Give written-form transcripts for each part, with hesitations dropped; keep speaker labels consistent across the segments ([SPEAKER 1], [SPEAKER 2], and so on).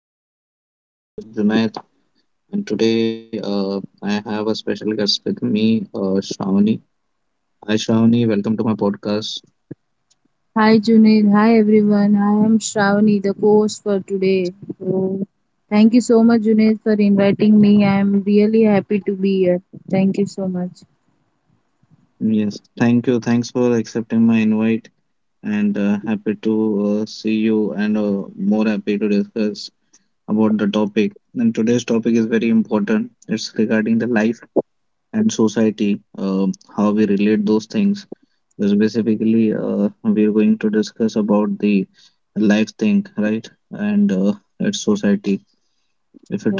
[SPEAKER 1] podcast. This is your host, Junaid, and today I have a special guest with me, Shravani. Hi, Shravani. Welcome to my podcast.
[SPEAKER 2] Hi Junaid, hi everyone. I am Shravani, the co-host for today. So, thank you so much, Junaid, for inviting me. I am really happy to be here. Thank you so much.
[SPEAKER 1] Yes, thank you. Thanks for accepting my invite, and happy to see you, and more happy to discuss about the topic. And today's topic is very important. It's regarding the life and society, how we relate those things. Specifically, we're going to discuss about the life thing, right? And its society.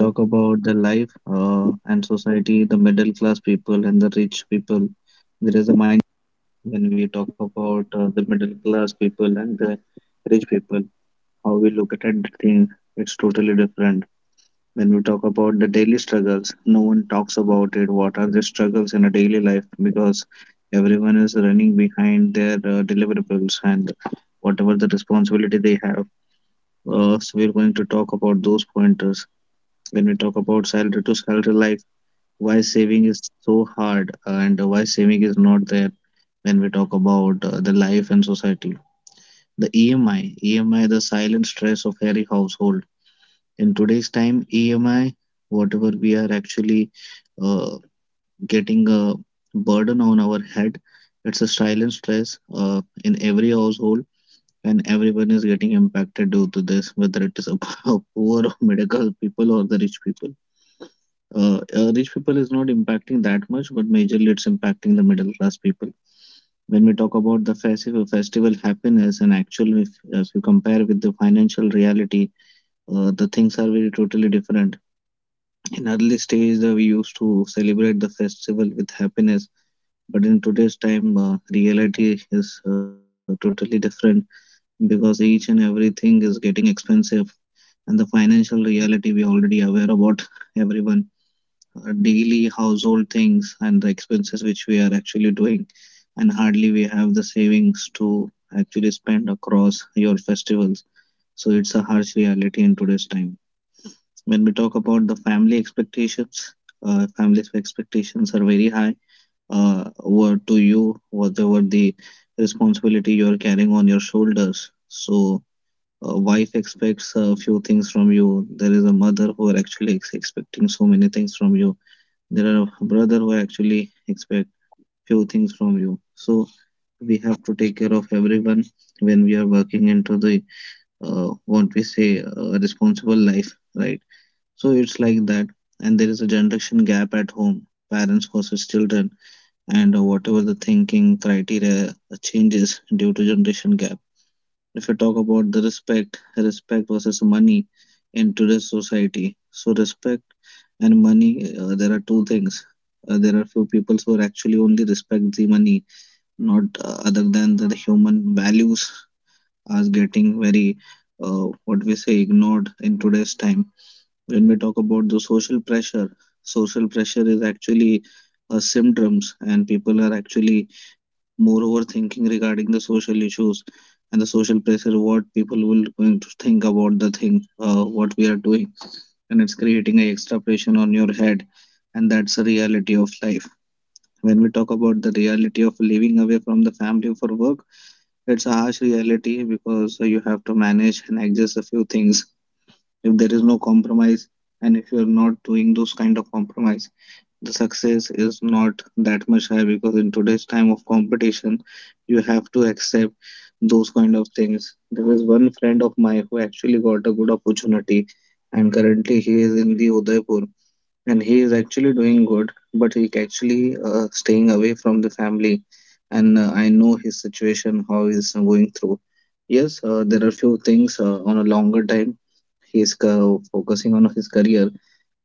[SPEAKER 1] If you talk about the life and society, the middle class people and the rich people, there is a mind when we talk about the middle class people and the rich people, how we look at it, thing, it's totally different. When we talk about the daily struggles, no one talks about it. What are the struggles in a daily life? Because everyone is running behind their deliverables and whatever the responsibility they have. So we're going to talk about those pointers. When we talk about salary to salary life, why saving is so hard and why saving is not there when we talk about the life and society. The EMI, EMI, the silent stress of every household in today's time, EMI whatever we are actually uh, getting, a burden on our head, it's a silent stress in every household, and everyone is getting impacted due to this, whether it is a poor or middle people or the rich people. Rich people is not impacting that much, but majorly it's impacting the middle class people when we talk about the festive festival happiness, and actual if you compare with the financial reality, the things are very totally different. In early stage, we used to celebrate the festival with happiness, but in today's time, reality is totally different, because each and everything is getting expensive, and the financial reality we are already aware about everyone. Daily household things and the expenses which we are actually doing, and hardly we have the savings to actually spend across your festivals. So it's a harsh reality in today's time when we talk about the family expectations, family's expectations are very high. Uh, what to you, whatever the responsibility you are carrying on your shoulders. So, a wife expects a few things from you. There is a mother who are actually expecting so many things from you. There are a brother who actually expect few things from you. So, we have to take care of everyone when we are working into the what we say responsible life, right? So it's like that. And there is a generation gap at home, parents versus children, and whatever the thinking criteria changes due to generation gap. If you talk about the respect, respect versus money in today's society. So respect and money, there are two things. There are few people who are actually only respect the money, not other than the human values are getting very, what we say, ignored in today's time when we talk about the social pressure. Social pressure is actually a symptoms, and people are actually more overthinking regarding the social issues and the social pressure what people will going to think about the thing what we are doing, and it's creating a extra pressure on your head, and that's a reality of life. When we talk about the reality of living away from the family for work, it's a harsh reality because you have to manage and adjust a few things if there is no compromise, and if you're not doing those kind of compromise, the success is not that much high, because in today's time of competition, you have to accept those kind of things. There is one friend of mine who actually got a good opportunity, and currently he is in the Udaipur, and he is actually doing good, but he actually staying away from the family, and I know his situation, how he's going through. Yes, there are few things on a longer time, he's focusing on his career,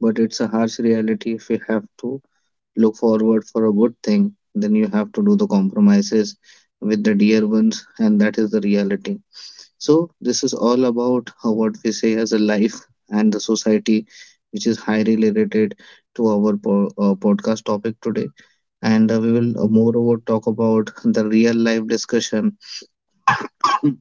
[SPEAKER 1] but it's a harsh reality. If you have to look forward for a good thing, then you have to do the compromises with the dear ones, and that is the reality. So this is all about how what we say as a life and the society, which is highly related to our podcast topic today. And we will moreover talk about the real life discussion,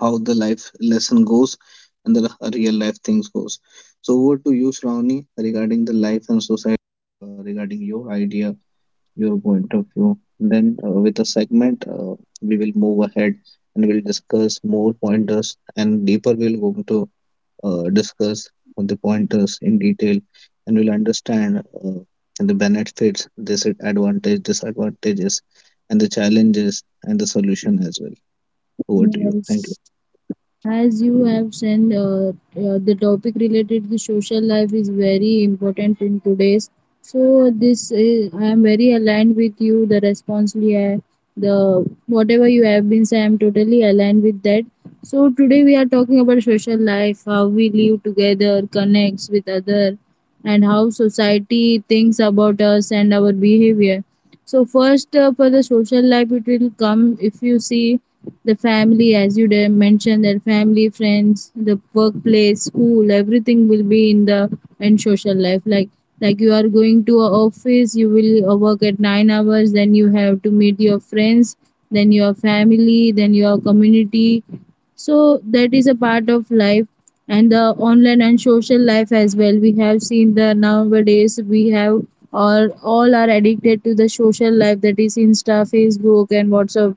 [SPEAKER 1] how the life lesson goes, and the real life things goes. So over to you, Shravani, regarding the life and society, regarding your idea, your point of view. Then, with the segment, we will move ahead, and we'll discuss more pointers and deeper. We'll go to discuss on the pointers in detail, and we'll understand the benefits, disadvantages, and the challenges and the solution as well. Over to you. Thank you.
[SPEAKER 2] yes. As you have said, the topic related to social life is very important in today's. So this is, I am very aligned with you. The responsibly, the whatever you have been saying, I am totally aligned with that. So today we are talking about social life, how we live together, connects with other, and how society thinks about us and our behavior. So first, for the social life, it will come if you see the family as you did mention their family, friends, the workplace, school, everything will be in the and social life. Like you are going to a office, you will work at 9 hours, then you have to meet your friends, then your family, then your community. So that is a part of life. And the online and social life as well, we have seen the nowadays we have or all are addicted to the social life, that is insta, facebook and whatsapp.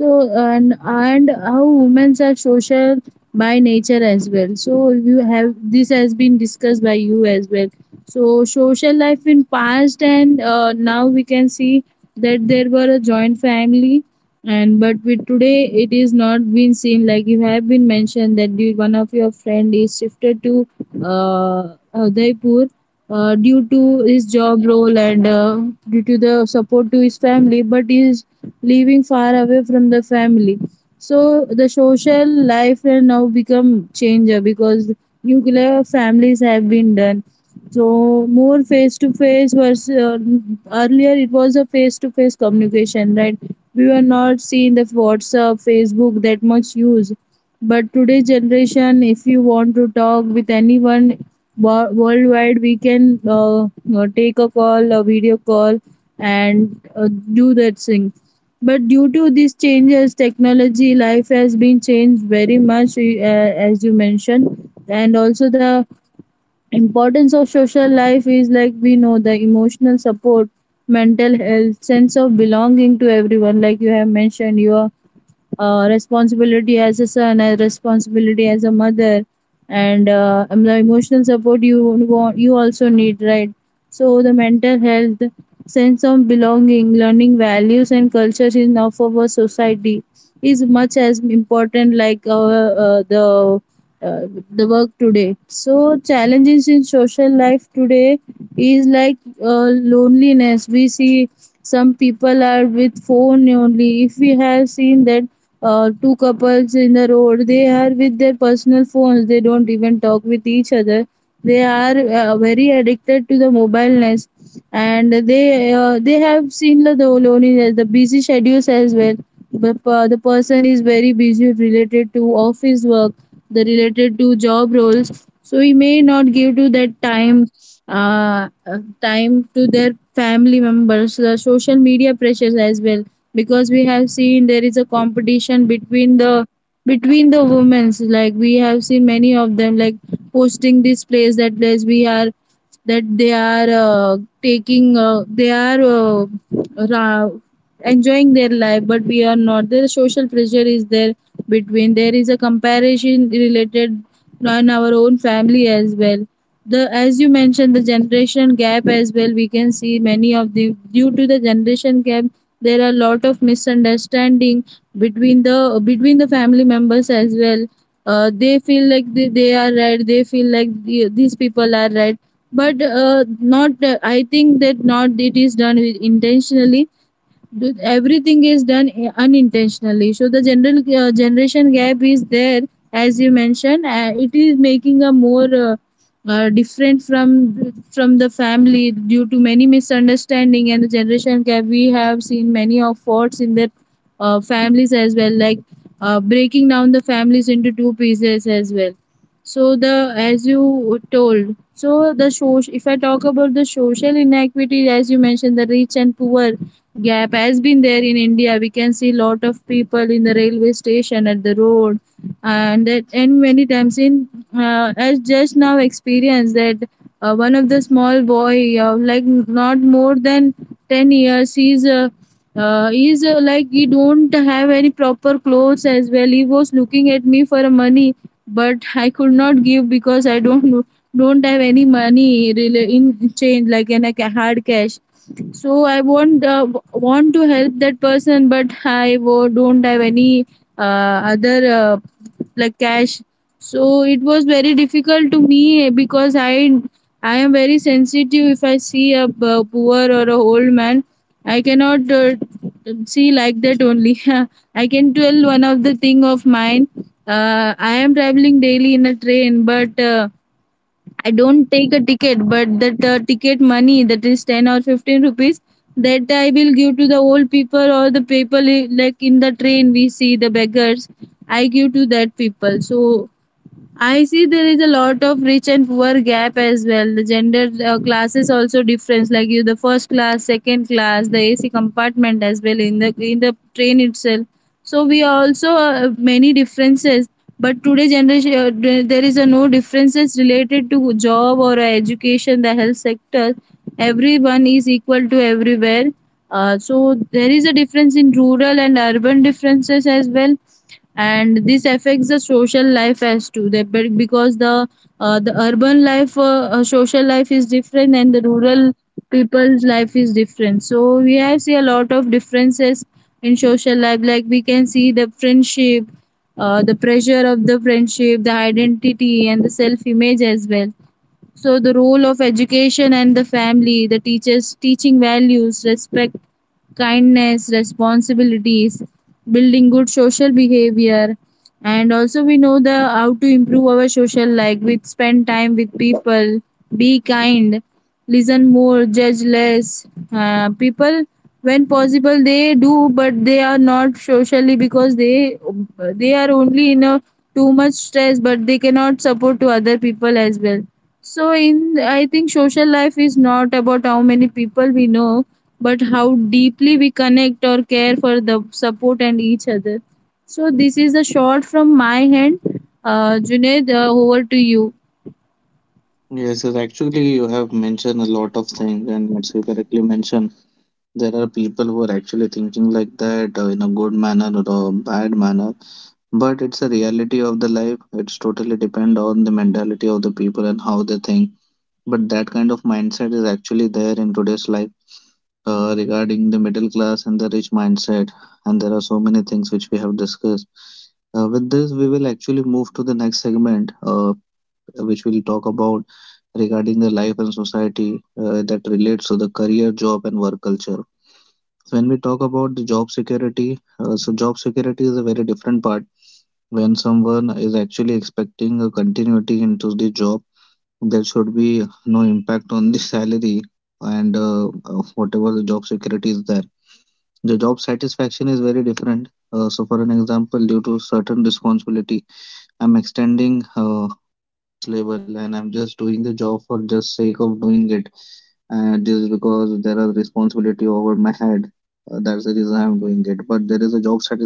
[SPEAKER 2] So and how women are social by nature as well. So you have, this has been discussed by you as well. So social life in past and now we can see that there were a joint family, and but with today it is not been seen, like you have been mentioned that you, one of your friend is shifted to Udaipur due to his job role and due to the support to his family, but is living far away from the family. So the social life has now become changer because nuclear families have been done. So more face to face versus earlier it was a face to face communication, right? We were not seeing the WhatsApp, Facebook that much use. But today's generation, if you want to talk with anyone worldwide, we can take a call, a video call, and do that thing. But due to these changes, technology life has been changed very much, as you mentioned, and also the importance of social life is, like we know, the emotional support, mental health, sense of belonging to everyone, like you have mentioned. Your responsibility as a son, a responsibility as a mother, and the emotional support you want, you also need, right? So the mental health, sense of belonging, learning values and cultures in of our society is much as important like our, the work today. So challenges in social life today is like loneliness. We see some people are with phone only. If we have seen that two couples in the road, they are with their personal phones, they don't even talk with each other. They are very addicted to the mobileness, and they have seen the loneliness, the busy schedules as well. The person is very busy related to office work, the related to job roles, so he may not give to that time, time to their family members. The social media pressures as well, because we have seen there is a competition between the women's, like we have seen many of them like posting this place, that place, we are that they are taking, they are ra- enjoying their life, but we are not. The social pressure is there between, there is a comparison related in our own family as well. The, as you mentioned, the generation gap as well, we can see many of the, due to the generation gap there are a lot of misunderstanding between the family members as well. They feel like they are right, they feel like the, these people are right, but not, I think that not, it is done with intentionally. Everything is done unintentionally. So the general generation gap is there, as you mentioned. It is making a more, different from the family due to many misunderstanding, and the generation gap, we have seen many of faults in their families as well, like breaking down the families into two pieces as well. So the, as you told, so the social, if I talk about the social inequity, as you mentioned, the rich and poor gap has been there in India. We can see lot of people in the railway station, at the road, and that, and many times in as just now experienced that one of the small boy, like not more than 10 years, he's like he don't have any proper clothes as well. He was looking at me for money, but I could not give because I don't have any money in change, like in a hard cash. So I want, want to help that person, but I don't have any other like cash. So it was very difficult to me, because I am very sensitive. If I see a poor or a old man, I cannot see like that only. I can tell one of the thing of mine. I am traveling daily in a train, but I don't take a ticket, but that ticket money, that is 10 or 15 rupees, that I will give to the old people, or the people like in the train we see the beggars. I give to that people. So I see there is a lot of rich and poor gap as well. The gender classes also difference, like you the first class, second class, the AC compartment as well in the train itself. So we are also many differences. But today generation, there is a no differences related to job or education, the health sector. Everyone is equal to everywhere. So there is a difference in rural and urban differences as well, and this affects the social life as too the, but because the urban life, social life is different, and the rural people's life is different. So we have see a lot of differences in social life, like we can see the friendship, the pressure of the friendship, the identity and the self image as well. So the role of education and the family, the teachers teaching values, respect, kindness, responsibilities, building good social behavior, and also we know the how to improve our social life with spend time with people, be kind, listen more, judge less. People, when possible, they do, but they are not socially, because they are only in a too much stress, but they cannot support to other people as well. So in I think social life is not about how many people we know, but how deeply we connect or care for the support and each other. So this is a short from my hand. Junaid, over to you.
[SPEAKER 1] Yes, sir. Actually, you have mentioned a lot of things, and as you correctly mentioned, there are people who are actually thinking like that in a good manner or a bad manner, but it's a reality of the life. It's totally depend on the mentality of the people and how they think, but that kind of mindset is actually there in today's life, regarding the middle class and the rich mindset. And there are so many things which we have discussed. With this we will actually move to the next segment, which will talk about regarding the life and society that relates to the career, job and work culture. So when we talk about the job security, so job security is a very different part when someone is actually expecting a continuity into the job. There should be no impact on the salary, and whatever the job security is there. The job satisfaction is very different. So for an example, due to certain responsibility, I'm extending level, and I'm just doing the job for just sake of doing it, and just because there are responsibility over my head, that's the reason I'm doing it. But there is a job satisfaction which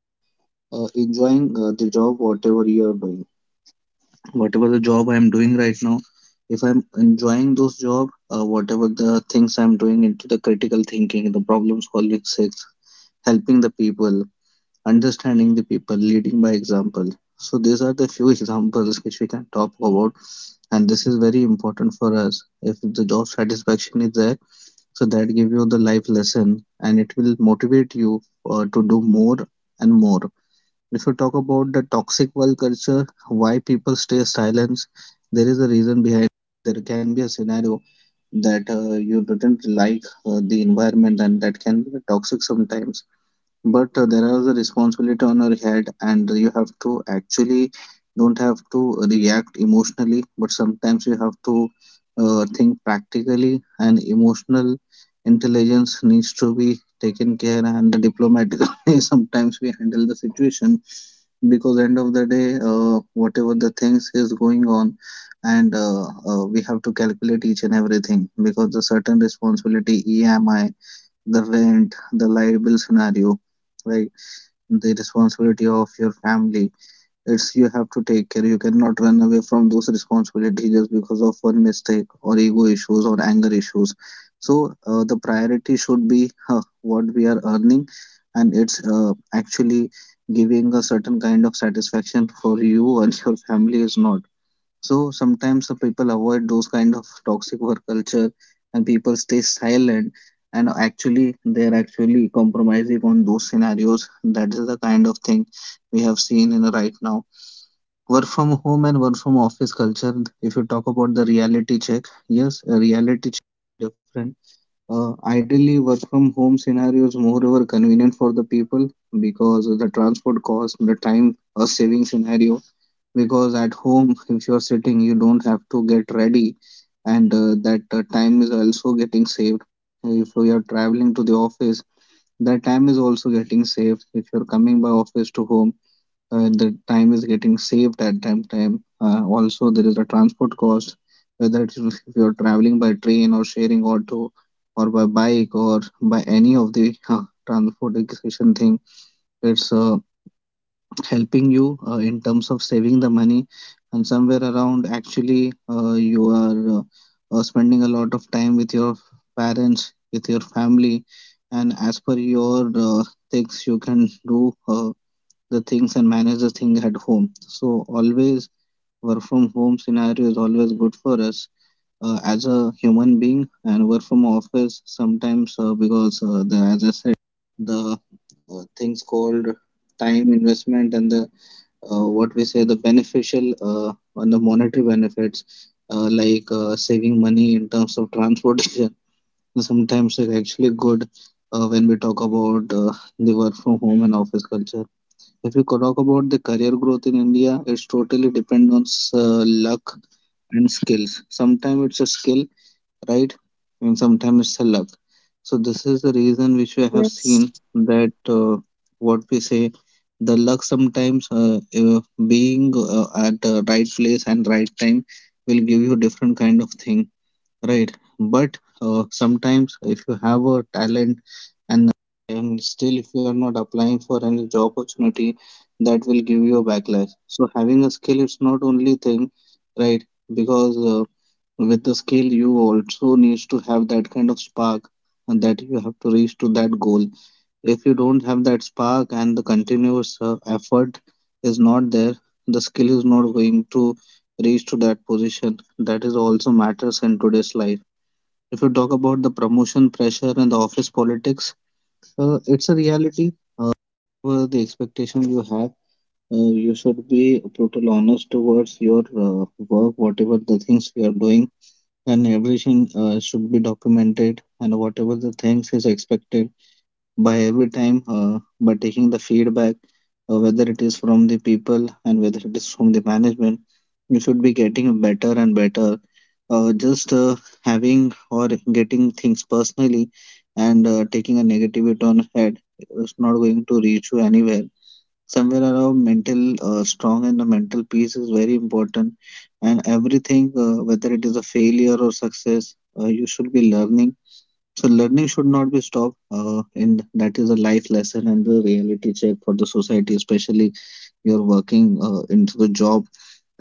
[SPEAKER 1] enjoying the job whatever you are doing, whatever the job I'm doing right now. If I'm enjoying those job, whatever the things I'm doing into the critical thinking, the problem solving sets, helping the people, understanding the people, leading by example. So these are the few examples which we can talk about, and this is very important for us if the job satisfaction is there. So that give you the life lesson, and it will motivate you to do more and more. If you talk about the toxic work culture, why people stay silent, there is a reason behind. There can be a scenario that you didn't like the environment, and that can be toxic sometimes. But there is a responsibility on your head, and you have to actually don't have to react emotionally, but sometimes you have to think practically, and emotional intelligence needs to be taken care and diplomatically sometimes we handle the situation, because end of the day whatever the things is going on, and we have to calculate each and everything, because the certain responsibility, EMI, the rent, the liability scenario, right, the responsibility of your family, it's you have to take care. You cannot run away from those responsibilities just because of one mistake or ego issues or anger issues. So the priority should be what we are earning, and it's actually giving a certain kind of satisfaction for you and your family is not. So sometimes the people avoid those kind of toxic work culture, and people stay silent. And actually, they are actually compromising on those scenarios. That is the kind of thing we have seen in right now. Work from home and work from office culture. If you talk about the reality check, yes, a reality check is different. Ideally, work from home scenarios moreover convenient for the people because of the transport cost, the time a saving scenario. Because at home, if you're sitting, you don't have to get ready, and that time is also getting saved. If you are traveling to the office, that time is also getting saved. If you're coming by office to home, the time is getting saved at that time. Also, there is a transport cost, whether it is if you're traveling by train or sharing auto or by bike or by any of the transportation thing. It's helping you in terms of saving the money, and somewhere around actually you are spending a lot of time with your parents, with your family, and as per your things you can do. The things and manage the thing at home. So always work from home scenario is always good for us as a human being, and work from office sometimes because as I said the things called time investment and the what we say the beneficial on the monetary benefits, like saving money in terms of transportation. Sometimes it's actually good when we talk about the work from home and office culture. If you talk about the career growth in India, it's totally depend on luck and skills. Sometimes it's a skill, right? And sometimes it's a luck. So this is the reason which we have
[SPEAKER 2] Yes.
[SPEAKER 1] seen that, uh, what we say, the luck sometimes, being at right place and right time, will give you different kind of thing, right? But sometimes if you have a talent and still if you are not applying for any job opportunity, that will give you a backlash. So having a skill it's not only thing, right? Because with the skill you also needs to have that kind of spark, and that you have to reach to that goal. If you don't have that spark and the continuous effort is not there, the skill is not going to reach to that position. That is also matters in today's life. If you talk about the promotion pressure and the office politics, it's a reality. Uh, Whatever the expectation you have, you should be brutal honest towards your work, whatever the things you are doing, and everything should be documented, and whatever the things is expected by every time by taking the feedback, whether it is from the people and whether it is from the management, you should be getting better and better. Just Having or getting things personally and taking a negativity on head is not going to reach you anywhere. Somewhere around mental strong and the mental peace is very important, and everything, whether it is a failure or success, you should be learning. So learning should not be stopped, and that is a life lesson and the reality check for the society, especially you're working into the job,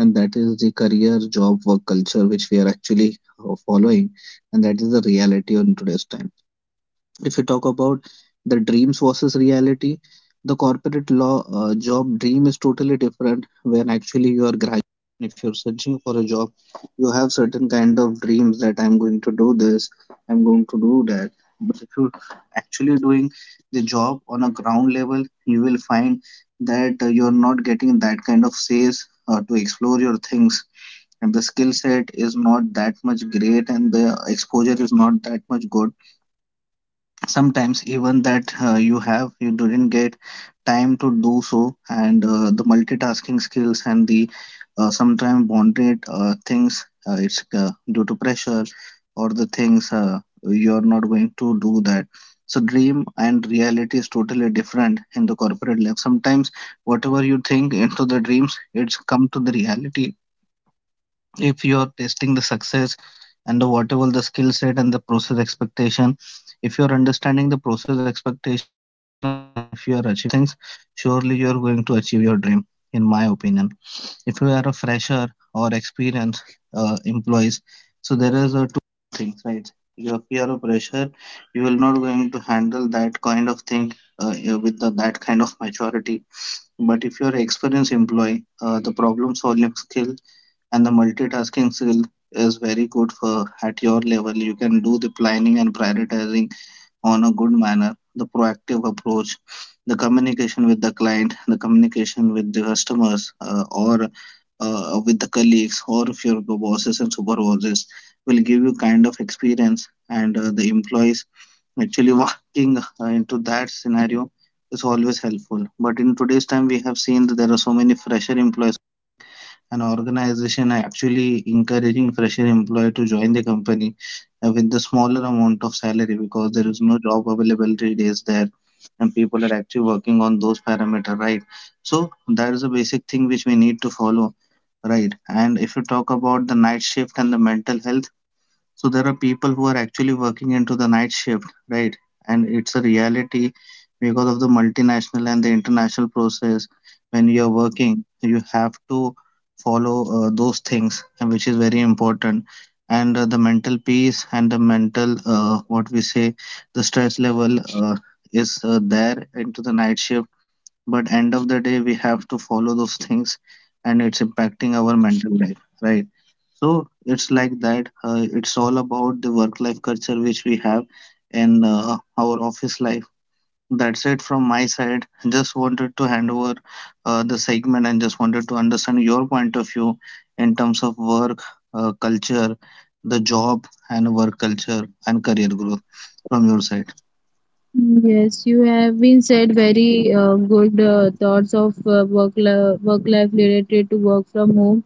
[SPEAKER 1] and that is the career job work culture which we are actually following, and that is the reality on today's time. If you talk about the dreams versus reality, the corporate law job dream is totally different when actually you are graduating. If you're searching for a job, you have certain kind of dreams that I'm going to do this, I'm going to do that. But if you're actually doing the job on a ground level, you will find that you're not getting that kind of space to explore your things. And the skill set is not that much great, and the exposure is not that much good. Sometimes even that you have, you didn't get time to do so, and the multitasking skills and the sometimes bonded things, it's due to pressure or the things, you're not going to do that. So dream and reality is totally different in the corporate life. Sometimes whatever you think into the dreams, it's come to the reality. If you're testing the success and the whatever the skill set and the process expectation, if you're understanding the process expectation and if you are achieving those things, surely you're going to achieve your dream. In my opinion, if you are a fresher or experienced employees, so there is a two things, right? If you are a fresher, you will not going to handle that kind of thing that kind of maturity. But if you're an experienced employee, the problem solving skill and the multitasking skill is very good. For at your level, you can do the planning and prioritizing on a good manner, the proactive approach, the communication with the client, the communication with the customers, or with the colleagues, or if your bosses and supervisors will give you kind of experience. And the employees actually walking into that scenario is always helpful. But in today's time we have seen that there are so many fresher employees, an organization actually encouraging fresher employee to join the company with the smaller amount of salary, because there is no job availability days there, and people are actually working on those parameter, right? So that is a basic thing which we need to follow, right? And if you talk about the night shift and the mental health, so there are people who are actually working into the night shift, right? And it's a reality because of the multinational and the international process. When you are working, you have to follow those things, and which is very important. And the mental peace and the mental, what we say, the stress level uh, is there into the night shift. But end of the day, we have to follow those things, and it's impacting our mental life, right? So it's like that. It's all about the work-life culture which we have, and our office life. That's it from my side. Just wanted to hand over the segment and just wanted to understand your point of view in terms of work culture, the job and work culture and career growth from your side.
[SPEAKER 2] Yes, you have been said very good thoughts of work life related to work from home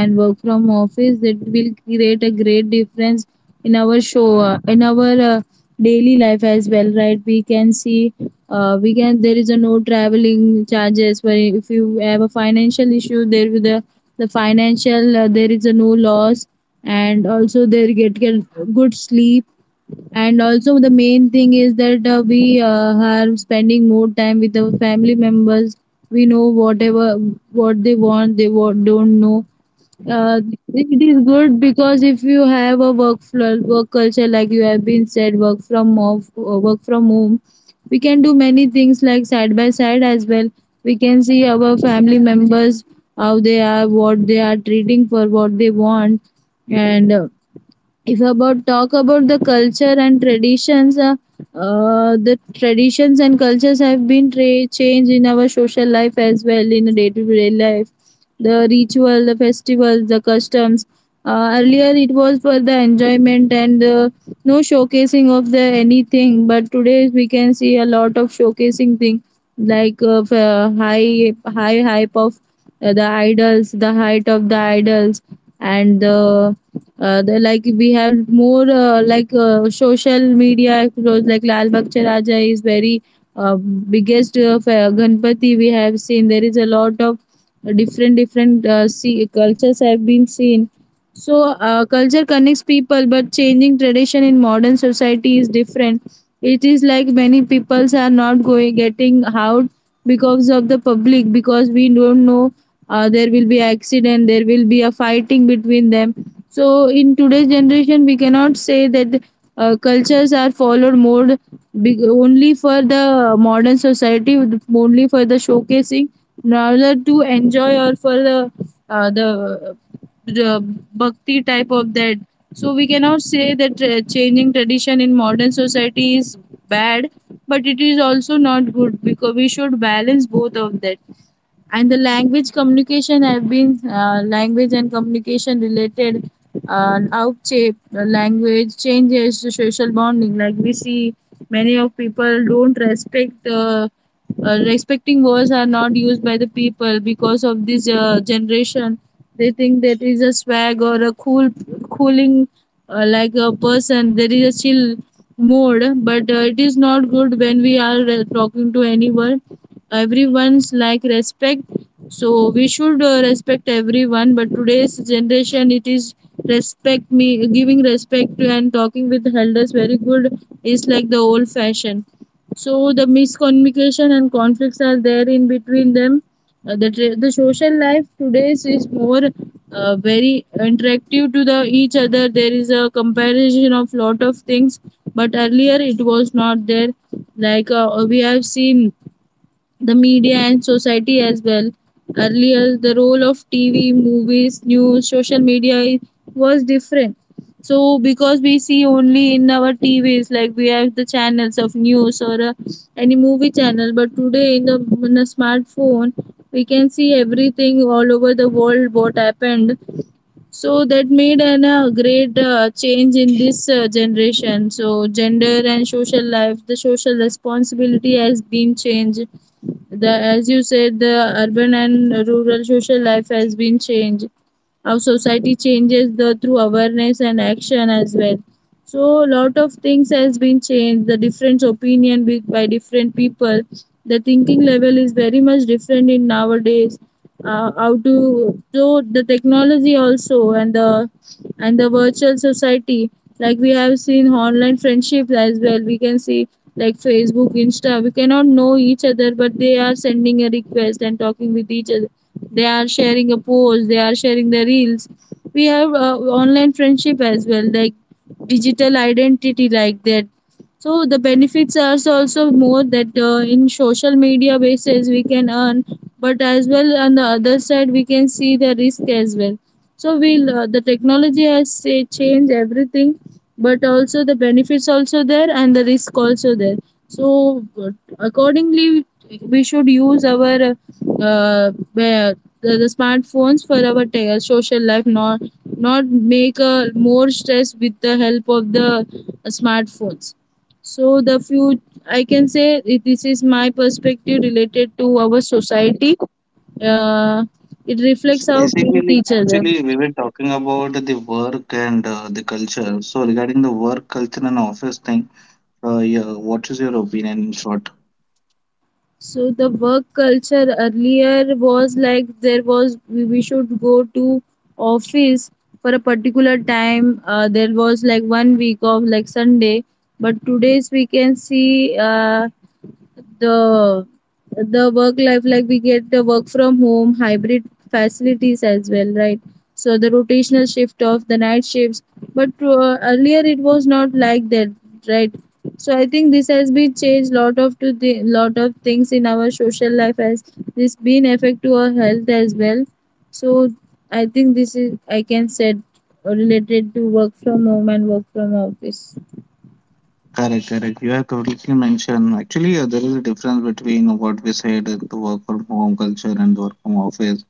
[SPEAKER 2] and work from office, that will create a great difference in our show, in our daily life as well, right? We can see we can there is a no traveling charges, where if you have a financial issue there with the financial, there is a no loss, and also they get good sleep, and also the main thing is that we are spending more time with our family members. We know whatever what they want, they what don't know. uh, it is good, because if you have a work work culture, like you have been said, work from off, work from home, we can do many things like side by side as well. We can see our family members, how they are, what they are treating, for what they want. And if about talk about the culture and traditions, the traditions and cultures have been changed in our social life as well, in the day to day life, the ritual, the festivals, the customs. Earlier it was for the enjoyment, and no showcasing of the anything, but today we can see a lot of showcasing thing, like high hype of the idols, the height of the idols and the, like we have more, like social media clothes, like Lal Bakcha Raja is very biggest Ganpati. We have seen there is a lot of different see, cultures have been seen. So culture connects people, but changing tradition in modern society is different. It is like many peoples are not going Getting out because of the public, because we don't know, there will be accident, there will be a fighting between them. So in today's generation we cannot say that cultures are followed more big, only for the modern society, only for the showcasing rather to enjoy or for the uh, the, the bhakti type of that. So we cannot say that changing tradition in modern society is bad, but it is also not good because we should balance both of that. And the language communication have been language and communication related, language changes the social bonding. Like we see many of people don't respect, respecting words are not used by the people because of this generation. They think that is a swag or a cool cooling, like a person there is a chill mode, but it is not good when we are talking to anyone. Everyone's like respect. So we should respect everyone, but today's generation it is respect me giving respect to and talking with elders very good is like the old fashioned. So the miscommunication and conflicts are there in between them. The social life today's is more very interactive to the each other. There is a comparison of lot of things, but earlier it was not there. Like we have seen the media and society as well. Earlier, the role of TV, movies, news, social media was different. So because we see only in our TVs, like we have the channels of news or any movie channel, but today in the in a smartphone we can see everything all over the world what happened. So that made an, a great change in this generation. So gender and social life, the social responsibility has been changed, the as you said the urban and rural social life has been changed. Our society changes the through awareness and action as well. So lot of things has been changed, the different opinion with, by different people. The thinking level is very much different in nowadays. Uh, how to so the technology also and the virtual society, like we have seen online friendships as well. We can see like Facebook, Insta. We cannot know each other, but they are sending a request and talking with each other. They are sharing a post, they are sharing the reels. We have online friendship as well, like digital identity, like that. So the benefits are also more that in social media basis we can earn, but as well on the other side we can see the risk as well. So we the technology has changed everything, but also the benefits also there and the risk also there. So accordingly we should use our uh, the, the smartphones for our social life, not make a more stress with the help of the smartphones. So the few I can say this is my perspective related to our society. uh, it reflects
[SPEAKER 1] So
[SPEAKER 2] how we treat
[SPEAKER 1] basically,
[SPEAKER 2] each other.
[SPEAKER 1] actually, we were talking about the work and the culture. So regarding the work culture and office thing, yeah, what is your opinion in short?
[SPEAKER 2] So the work culture earlier was like there was we should go to office for a particular time. There was like one week of like Sunday, but today's we can see the the work life, like we get the work from home hybrid facilities as well, right? So the rotational shift of the night shifts, but earlier it was not like that, right? So I think this has been changed lot of to the lot of things in our social life as this been affect to our health as well. So I think this is I can said related to work from home and work from office.
[SPEAKER 1] Correct, correct. You have completely mentioned. Actually, there is a difference between what we said, the work from home culture and work from office.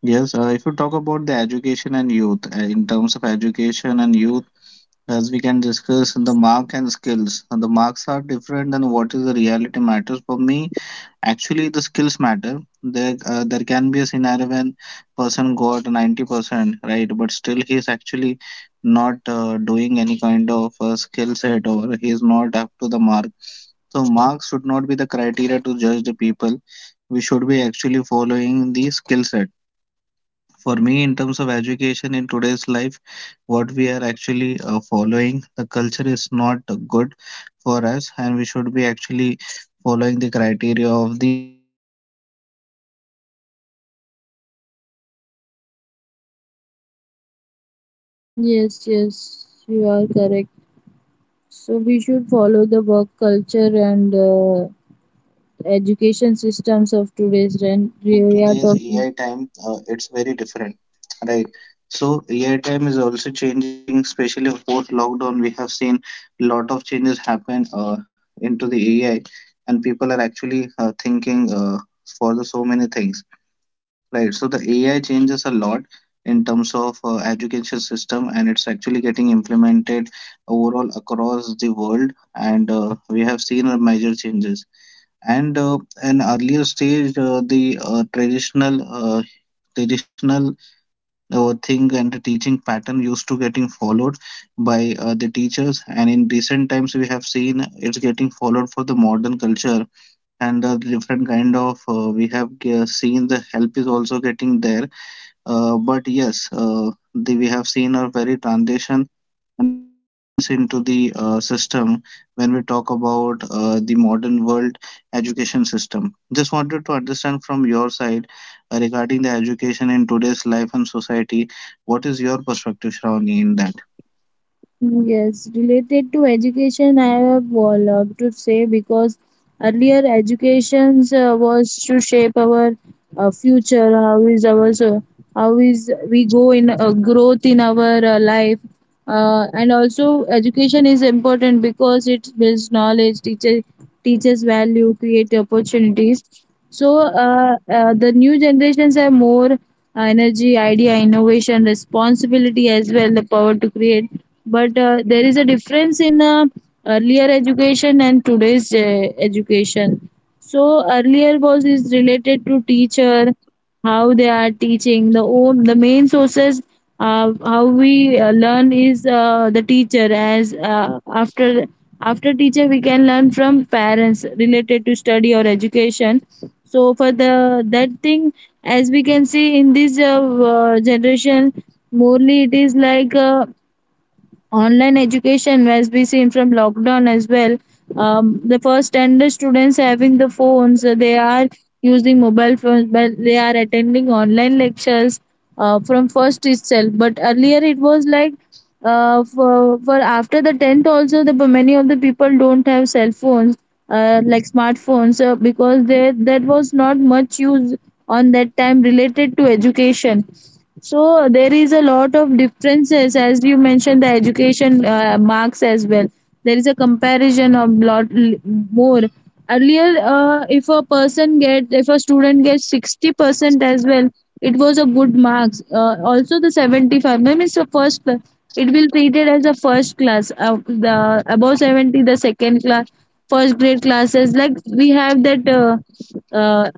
[SPEAKER 1] Yes, if you talk about the education and youth, as we can discuss the mark and skills. The marks are different than what is the reality matters for me. Actually the skills matter there. There can be a scenario when person got 90% right but still he is actually not doing any kind of skill set, or he is not up to the mark. So marks should not be the criteria to judge the people. We should be actually following the skill set. For me, in terms of education in today's life, what we are actually following, the culture is not good for us, and we should be actually following the criteria of the skill, which is more important for us, right? Because without skill, we cannot do anything, and skill is more important
[SPEAKER 2] Yes,
[SPEAKER 1] in
[SPEAKER 2] yes,
[SPEAKER 1] today's time.
[SPEAKER 2] you are correct.
[SPEAKER 1] If we talk about the
[SPEAKER 2] So
[SPEAKER 1] second
[SPEAKER 2] we
[SPEAKER 1] thing
[SPEAKER 2] should
[SPEAKER 1] which we
[SPEAKER 2] follow the
[SPEAKER 1] talk
[SPEAKER 2] work
[SPEAKER 1] about,
[SPEAKER 2] culture
[SPEAKER 1] in terms of
[SPEAKER 2] and
[SPEAKER 1] education system in India, then
[SPEAKER 2] education systems
[SPEAKER 1] earlier it
[SPEAKER 2] of
[SPEAKER 1] was,
[SPEAKER 2] today's gen.
[SPEAKER 1] and in
[SPEAKER 2] We are
[SPEAKER 1] today's
[SPEAKER 2] talking.
[SPEAKER 1] AI time, it's very different, right? So AI time is also changing, especially post lockdown. We have seen a lot of changes happen into the AI, and people are actually thinking for the so many things, right? So the AI changes a lot in terms of education system, and it's actually getting implemented overall across the world, and we have seen a major changes. And an earlier stage, the traditional traditional thing and the teaching pattern used to getting followed by the teachers, and in recent times we have seen it's getting followed for the modern culture, and different kind of we have seen the help is also getting there. But yes, we have seen a very transition and the changes into the system when we talk about the modern world education system. Just wanted to understand from your side regarding the education in today's life and society. What is your perspective, Shravani, in that?
[SPEAKER 2] Hmm, yes, related to education, I have a lot to say because earlier education was to shape our future. How is our so how is we go in growth in our life, and also education is important because it builds knowledge, teaches value, create opportunities. So the new generations have more energy, idea, innovation, responsibility as well, the power to create. But there is a difference in earlier education and today's education. So earlier was is related to teacher, how they are teaching. The own the main sources how we learn is the teacher. As after teacher we can learn from parents related to study or education. So for the that thing, as we can see in this generation, morely it is like. Online education as we seen from lockdown as well. The first standard students having the phones, they are using mobile phones but they are attending online lectures from first itself. But earlier it was like for after the 10th also the many of the people don't have cell phones, like smartphones, because they that was not much used on that time related to education. So there is a lot of differences, as you mentioned the education marks as well. There is a comparison of more. Earlier, if a person get if a student gets 60% as well, it was a good marks. Also the 75 means the first class. It will treated as a first class. The above 70, the second class, first grade classes like we have that. Uh,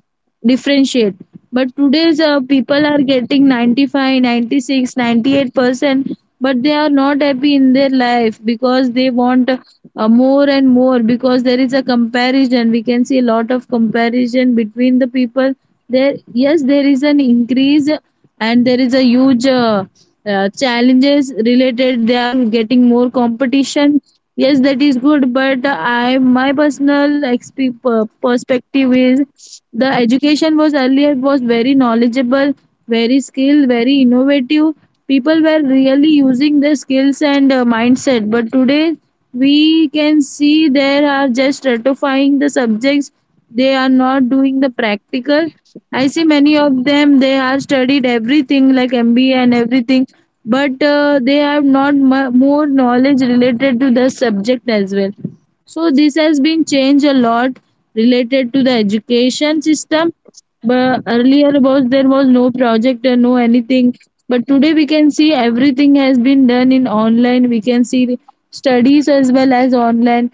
[SPEAKER 2] Differentiate. But today's people are getting 95, 96, 98%, but they are not happy in their life because they want more and more, because there is a comparison. We can see a lot of comparison between the people. There, yes, there is an increase and there is a huge challenges related, they are getting more competition. Yes, that is good, but I my perspective is the education was earlier was very knowledgeable, very skilled, very innovative. People were really using their skills and mindset, but today we can see there are just ratifying the subjects, they are not doing the practical. I see many of them, they are studied everything like mba and everything, but they have not mu- more knowledge related to the subject as well. So this has been changed a lot related to the education system. But earlier was there was no project and no anything, but today we can see everything has been done in online. We can see the studies as well as online.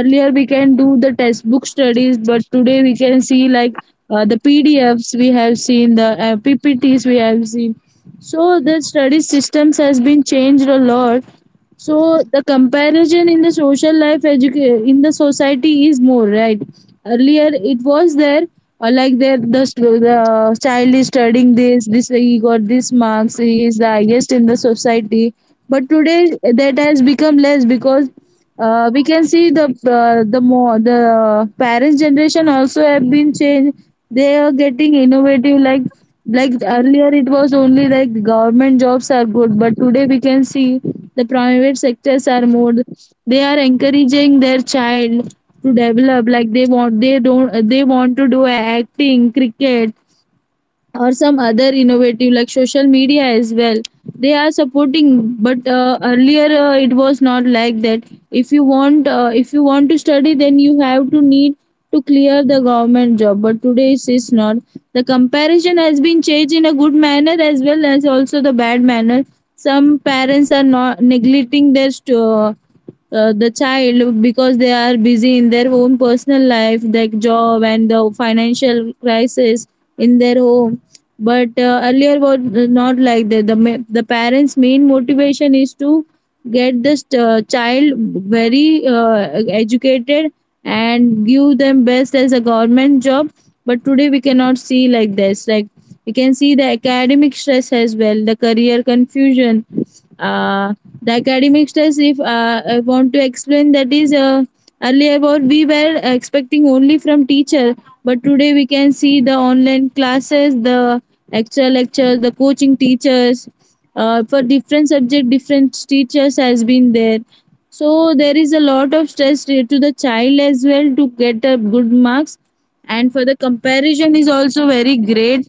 [SPEAKER 2] Earlier we can do the textbook studies, but today we can see like the pdfs we have seen, the ppts we have seen. So the study systems has been changed a lot. So the comparison in the social life in the society is more, right? Earlier it was there, like there the child is studying this this, he got this marks, he is the highest in the society. But today that has become less because we can see the more the parents generation also have been changed. They are getting innovative, like earlier it was only like government jobs are good, but today we can see the private sectors are more. They are encouraging their child to develop like they want, they don't they want to do acting, cricket, or some other innovative like social media as well. They are supporting, but earlier it was not like that. If you want, if you want to study, then you have to need to clear the government job, but today it is not. The comparison has been changed in a good manner as well as also the bad manner. Some parents are not neglecting their the child because they are busy in their own personal life, like job and the financial crisis in their home. But earlier was not like that. The the parents main motivation is to get this child very educated and give them best as a government job. But today we cannot see like this. Like we can see the academic stress as well, the career confusion. Uh, the academic stress if I want to explain, that is earlier what we were expecting only from teacher, but today we can see the online classes, the extra lecture, the coaching teachers. For different subject, different teachers has been there. So there is a lot of stress to the child as well to get a good marks, and for the comparison is also very great,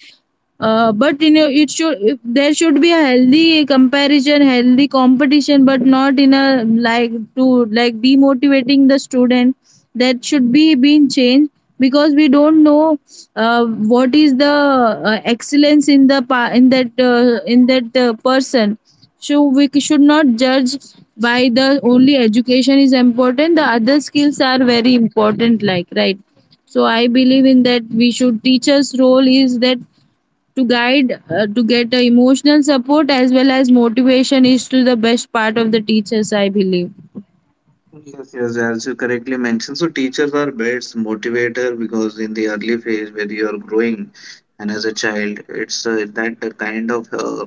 [SPEAKER 2] but it should, there should be a healthy comparison, healthy competition, but not in a like to like demotivating the student. That should be being changed because we don't know what is the excellence in the pa- in that person. So should not judge by the only education is important, the other skills are very important, like, right? So I believe in that we should, teachers role is that to guide, to get the emotional support as well as motivation is to the best part of the teachers, I believe.
[SPEAKER 1] Yes, yes, as you correctly mentioned, so teachers are best motivator, because in the early phase where you are growing and as a child, it's that kind of uh,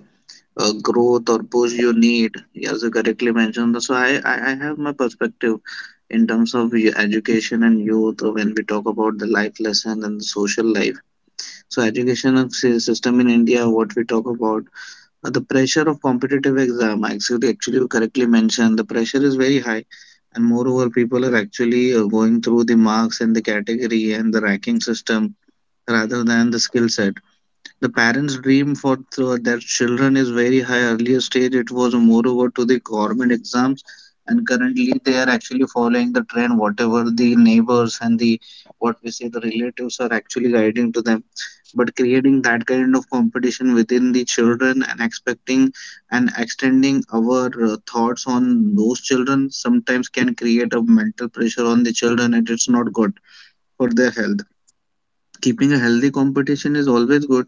[SPEAKER 1] uh, growth or push you need. As you correctly mentioned, so I have my perspective in terms of education and youth when we talk about the life lesson and the social life. So education and system in India, what we talk about, the pressure of competitive exam. Actually, actually, you correctly mentioned the pressure is very high. And moreover, people are actually going through the marks and the category and the ranking system rather than the skill set. The parents dream for their children is very high. Earlier stage it was moreover to the government exams, and currently they are actually following the trend whatever the neighbors and the what we say the relatives are actually guiding to them, but creating that kind of competition within the children and expecting and extending our thoughts on those children sometimes can create a mental pressure on the children, and it's not good for their health. Keeping a healthy competition is always good,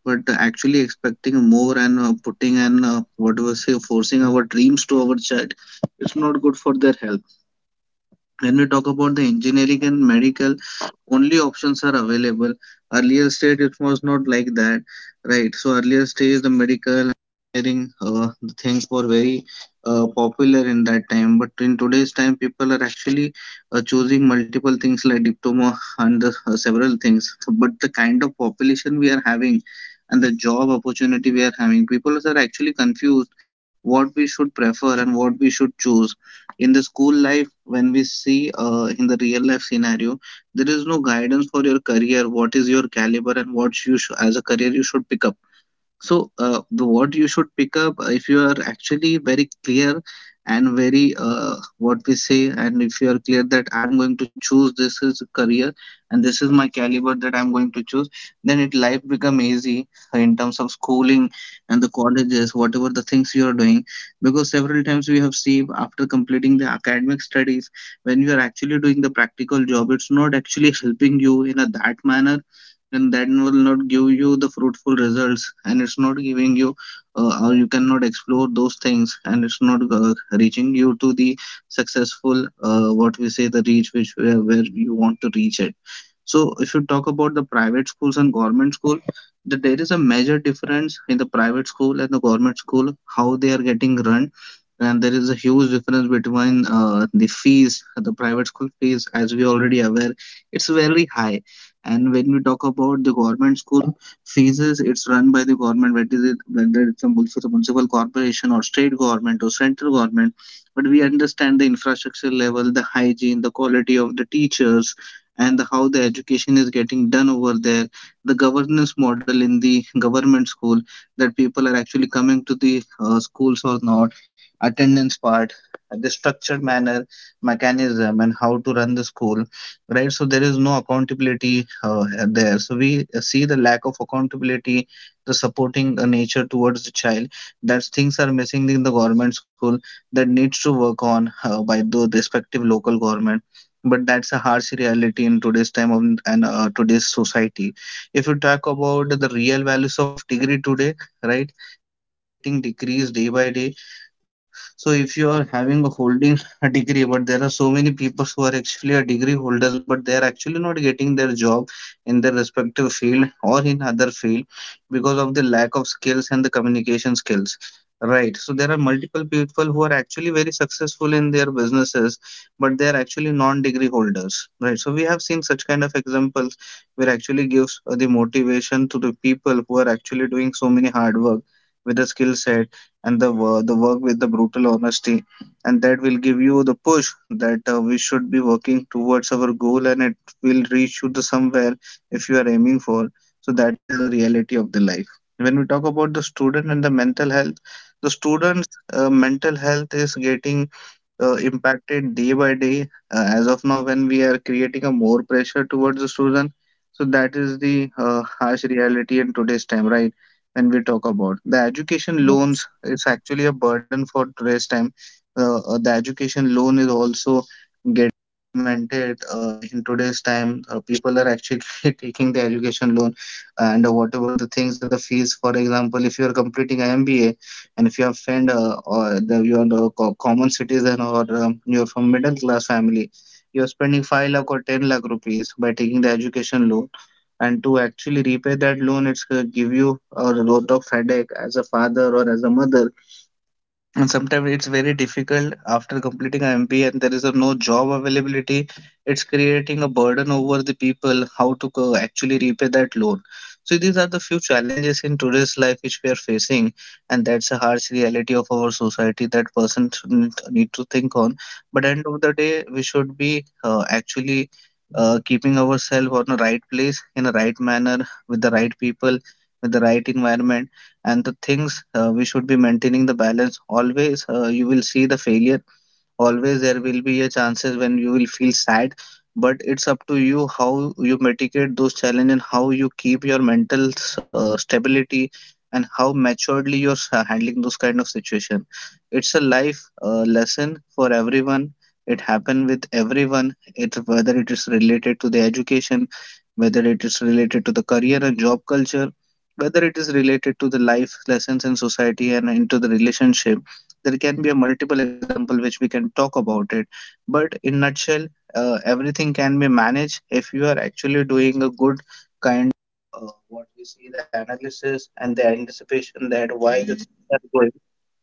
[SPEAKER 1] but actually expecting more and putting and what was say forcing our dreams to our child, it's not good for their health. When we talk about the engineering and medical, only options are available. Earlier stage it was not like that, right? So earlier stage the medical engineering the things were very popular in that time, but in today's time people are actually choosing multiple things like diploma and several things, but the kind of population we are having and the job opportunity we are having, people are actually confused what we should prefer and what we should choose. In the school life when we see in the real life scenario, there is no guidance for your career, what is your caliber and what you as a career you should pick up. So, the what you should pick up, if you are actually very clear and very what we say, and if you are clear that I'm going to choose this is career and this is my caliber that I'm going to choose, then it life become easy in terms of schooling and the colleges, whatever the things you are doing. Because several times we have seen, after completing the academic studies, when you are actually doing the practical job, it's not actually helping you in a that manner, and that will not give you the fruitful results, and it's not giving you or you cannot explore those things, and it's not reaching you to the successful what we say the reach which where you want to reach it. So if you talk about the private schools and government school, there is a major difference in the private school and the government school how they are getting run, and there is a huge difference between the fees. The private school fees, as we already aware, it's very high. And when we talk about the government school fees, it's run by the government, whether it whether it's a municipal corporation or state government or central government. But we understand the infrastructure level, the hygiene, the quality of the teachers, and the, how the education is getting done over there. The governance model in the government school, that people are actually coming to the schools or not, attendance part, the structured manner, mechanism, and how to run the school, right? So there is no accountability there. So we see the lack of accountability, the supporting nature towards the child. That things are missing in the government school, that needs to work on by the respective local government. But that's a harsh reality in today's time of, and today's society. If you talk about the real values of degree today, right? Getting decreased day by day. So if you are having a holding a degree, but there are so many people who are actually a degree holders, but they are actually not getting their job in their respective field or in other field because of the lack of skills and the communication skills. Right. So there are multiple people who are actually very successful in their businesses, but they are actually non-degree holders. Right. So we have seen such kind of examples where actually gives the motivation to the people who are actually doing so many hard work with the skill set and the, the work with the brutal honesty. And that will give you the push that we should be working towards our goal, and it will reach you to somewhere if you are aiming for. So that is the reality of the life. When we talk about the student and the mental health, the student's mental health is getting impacted day by day as of now when we are creating a more pressure towards the student. So that is the harsh reality in today's time, right? When we talk about the education loans, it's actually a burden for today's time. The education loan is also getting implemented in today's time. People are actually taking the education loan, and whatever the things that the fees, for example, if you are completing an MBA, and if you are friend or the, you are the common citizen, or you are from middle class family, you are spending 5 lakh or 10 lakh rupees by taking the education loan. And to actually repay that loan, it's give you a lot of headache as a father or as a mother, and sometimes it's very difficult after completing an MBA and there is a no job availability. It's creating a burden over the people how to actually repay that loan. So these are the few challenges in today's life which we are facing, and that's a harsh reality of our society that person shouldn't need to think on. But end of the day, we should be actually keeping ourselves on the right place in a right manner with the right people, with the right environment, and the things we should be maintaining the balance always. You will see the failure, always there will be a chances when you will feel sad, but it's up to you how you mitigate those challenges and how you keep your mental stability and how maturedly you're handling those kind of situation. It's a life lesson for everyone. It happen with everyone, it whether it is related to the education, whether it is related to the career and job culture, whether it is related to the life lessons in society and into the relationship, there can be a multiple example which we can talk about it. But in nutshell, everything can be managed if you are actually doing a good kind uh, what we see the analysis and the anticipation that why the things are going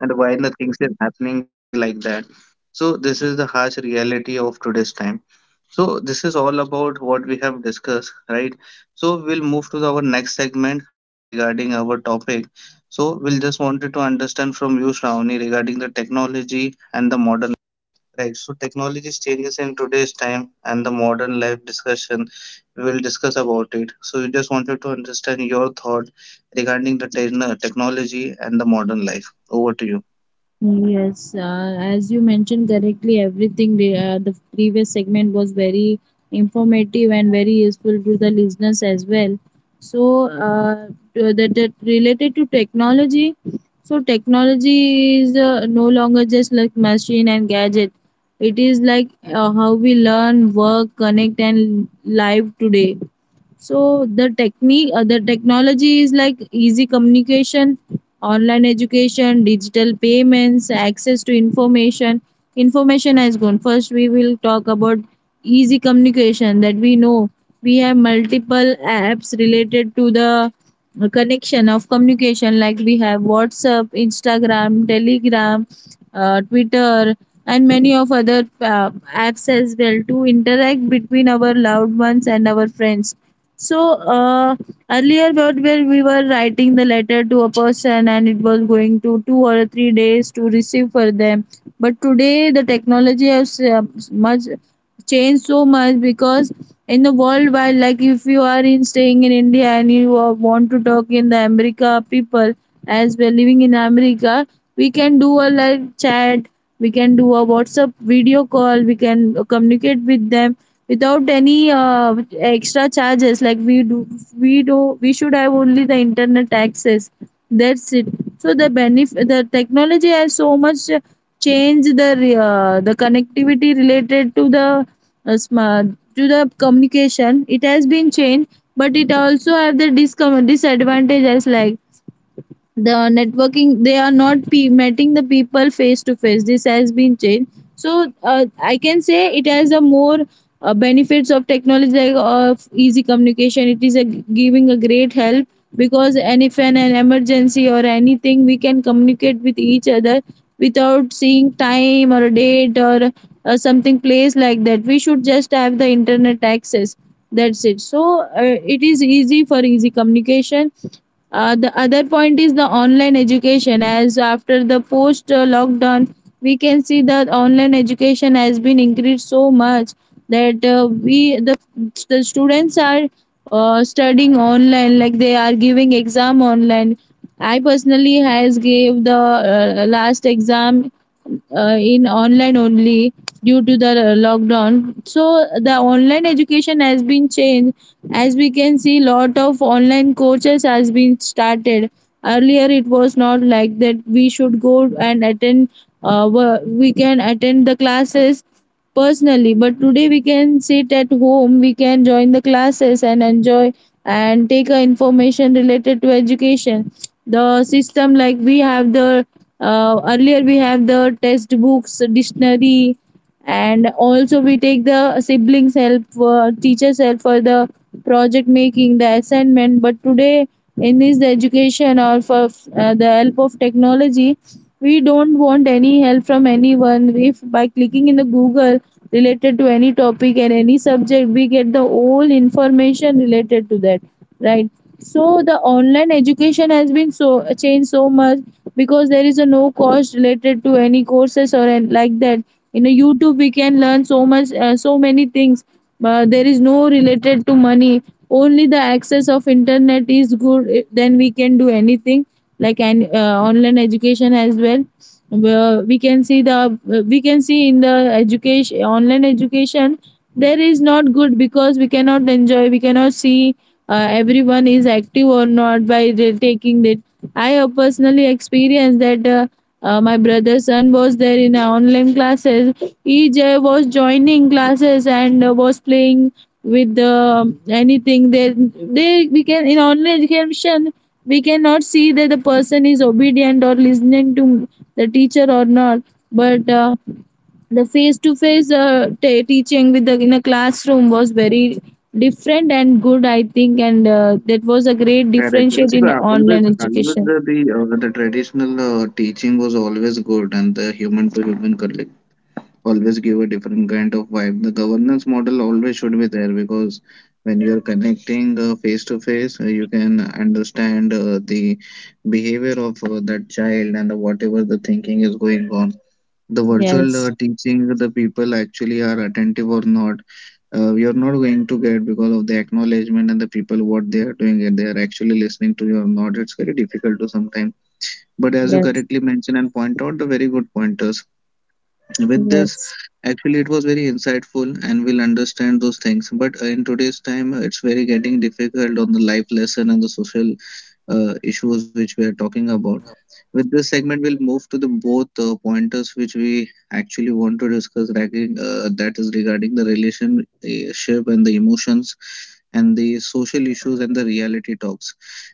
[SPEAKER 1] and why the things are happening with me like that. So this is the harsh reality of today's time. So this is all about what we have discussed, right? So we'll move to our next segment regarding our topic. So we'll just wanted to understand from you, Shravani, regarding the technology and the modern, right? So technology's changes in today's time and the modern life discussion. We will discuss about it. So we just wanted to understand your thought regarding the technology and the modern life. Over to you.
[SPEAKER 2] Yes, as you mentioned correctly, the previous segment was very informative and very useful to the listeners as well. So, uh, that, that related to technology, so technology is no longer just like machine and gadget. It is like how we learn, work, connect, and live today. So the technique the technology is like easy communication, online education, digital payments, access to information. Information has gone. First we will talk about easy communication, that we know. We have multiple apps related to the connection of communication, like we have WhatsApp, Instagram, Telegram, Twitter, and many of other apps as well to interact between our loved ones and our friends. So earlier, what, where we were writing the letter to a person and it was going to 2 or 3 days to receive for them. But today, the technology has much changed so much, because in the world, while, like if you are in staying in India and you are- want to talk in the America people, as we're living in America, we can do a live chat, we can do a WhatsApp video call, we can communicate with them without any extra charges. Like we do, we should have only the internet access, that's it. So the benefit, the technology has so much changed the connectivity related to the smart, to the communication, it has been changed, but it also have the disadvantages, like the networking, they are not meeting the people face to face, this has been changed. So I can say it has a more benefits of technology, like of easy communication, it is a, giving a great help because, and if an, an emergency or anything, we can communicate with each other without seeing time or date or something, place like that. We should just have the internet access, that's it. So it is easy for easy communication. The other point is the online education. As after the post lockdown, we can see that online education has been increased so much, that the students are studying online, like they are giving exam online. I personally has gave the last exam in online only due to the lockdown. So the online education has been changed, as we can see lot of online courses has been started. Earlier it was not like that, we should go and attend, uh, we can attend the classes personally, but today we can sit at home, we can join the classes and enjoy and take a information related to education. The system, like we have the earlier we have the test books, dictionary, and also we take the siblings help, teachers help for the project making, the assignment. But today, in this education, or for the help of technology, we don't want any help from anyone. If by clicking in the Google related to any topic and any subject, we get the whole information related to that, right? So the online education has been so changed so much, because there is a no cost related to any courses or like that. In a YouTube we can learn so much, so many things, but there is no related to money, only the access of internet is good, eh, then we can do anything, like an online education as well. Where we can see the, we can see in the education, online education, there is not good because we cannot enjoy, we cannot see everyone is active or not by the- taking it. I have personally experienced that my brother's son was there in online classes. EJ was joining classes and was playing with anything. They, we can, in online education we cannot see that the person is obedient or listening to the teacher or not. But the face to face teaching with the in a classroom was very different and good, I think, and that was a great
[SPEAKER 1] Correct. That's
[SPEAKER 2] differentiate
[SPEAKER 1] the
[SPEAKER 2] in
[SPEAKER 1] always
[SPEAKER 2] online
[SPEAKER 1] always
[SPEAKER 2] education.
[SPEAKER 1] the the traditional teaching was always good, and the human to human connect always give a different kind of vibe. The governance model always should be there, because when you are connecting face to face, you can understand the behavior of that child and the, whatever the thinking is going on, the virtual
[SPEAKER 2] Yes,
[SPEAKER 1] teaching, the people actually are attentive or not, we are not going to get because of the acknowledgement and the people what they are doing. It they are actually listening to you or not, it's very difficult to sometime. But as you
[SPEAKER 2] yes,
[SPEAKER 1] correctly mentioned and point out the very good pointers with this,
[SPEAKER 2] yes.
[SPEAKER 1] actually it was very insightful and we'll understand those things, but in today's time it's very getting difficult on the life lesson and the social issues which we are talking about. With this segment, we'll move to the both pointers which we actually want to discuss. Regarding, that is regarding the relationship and the emotions and the social issues and the reality talks.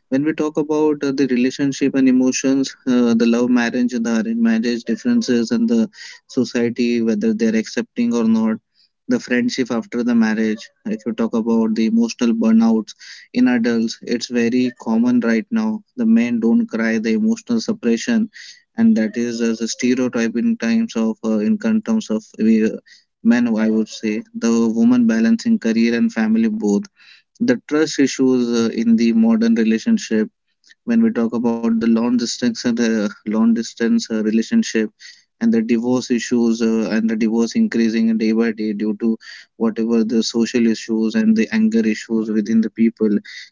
[SPEAKER 1] When we talk about the relationship and emotions, the love marriage, the arranged marriage differences, and the society whether they're accepting or not, the friendship after the marriage. If you talk about the emotional burnout in adults it's very common right now, the men don't cry, the emotional suppression, and that is as a stereotype in times of in con- terms of we, men I would say, the woman balancing career and family both, the trust issues in the modern relationship. When we talk about the long distance relationship and the divorce issues, and the divorce increasing day by day due to whatever the social issues and the anger issues within the people,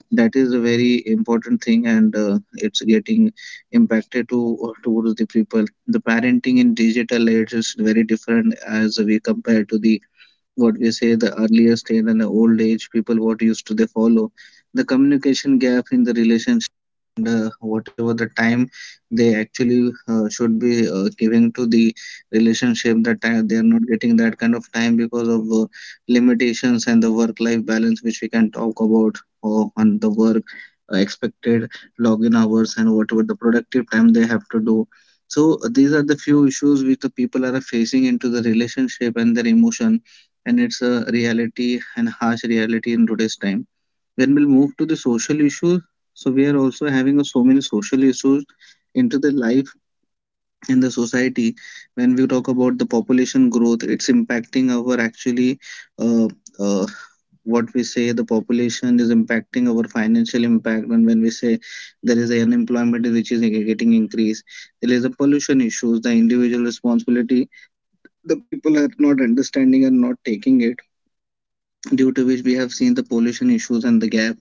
[SPEAKER 1] that is a very important thing and it's getting impacted to towards the people. The parenting in digital age is very different as we compare to the what we say the earlier state and the old age people what used to they follow. The communication gap in the relationship, and whatever the time they actually should be giving to the relationship, that time they are not getting that kind of time because of limitations and the work life balance, which we can talk about, or on the work expected login hours and whatever the productive time they have to do. So these are the few issues which the people are facing into the relationship and their emotion, and it's a reality and harsh reality in today's time. When we'll move to the social issues, so we are also having a, so many social issues into the life and the society. When we talk about the population growth, it's impacting our actually, uh, uh, what we say, the population is impacting our financial impact. And when we say there is a unemployment which is getting increased, there is a pollution issues, the individual responsibility the people are not understanding and not taking it, due to which we have seen the pollution issues and the gap.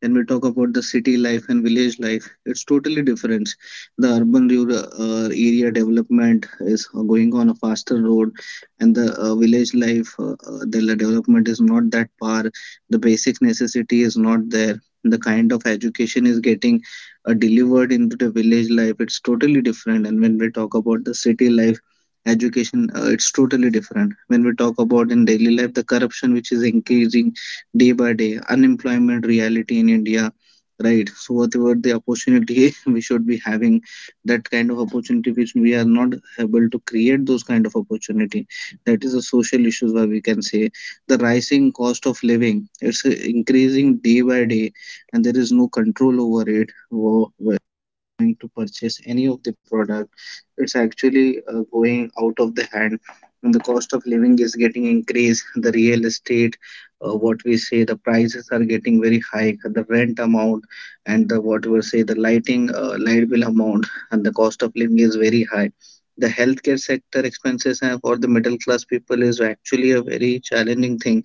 [SPEAKER 1] When we talk about the city life and village life, it's totally different. The urban rural area development is going on a faster road, and the village life, the development is not that far. The basic necessity is not there. The kind of education is getting delivered into the village life, it's totally different. And when we talk about the city life, education it's totally different. When we talk about in daily life, the corruption which is increasing day by day, unemployment, reality in India, right? So whatever the opportunity we should be having, that kind of opportunity which we are not able to create, those kind of opportunity, that is a social issues where we can say the rising cost of living, it's increasing day by day and there is no control over it. Going to purchase any of the product, it's actually going out of the hand, and the cost of living is getting increased. The real estate, what we say, the prices are getting very high, the rent amount, and the what we say the lighting light bill amount, and the cost of living is very high. The healthcare sector expenses for the middle class people is actually a very challenging thing.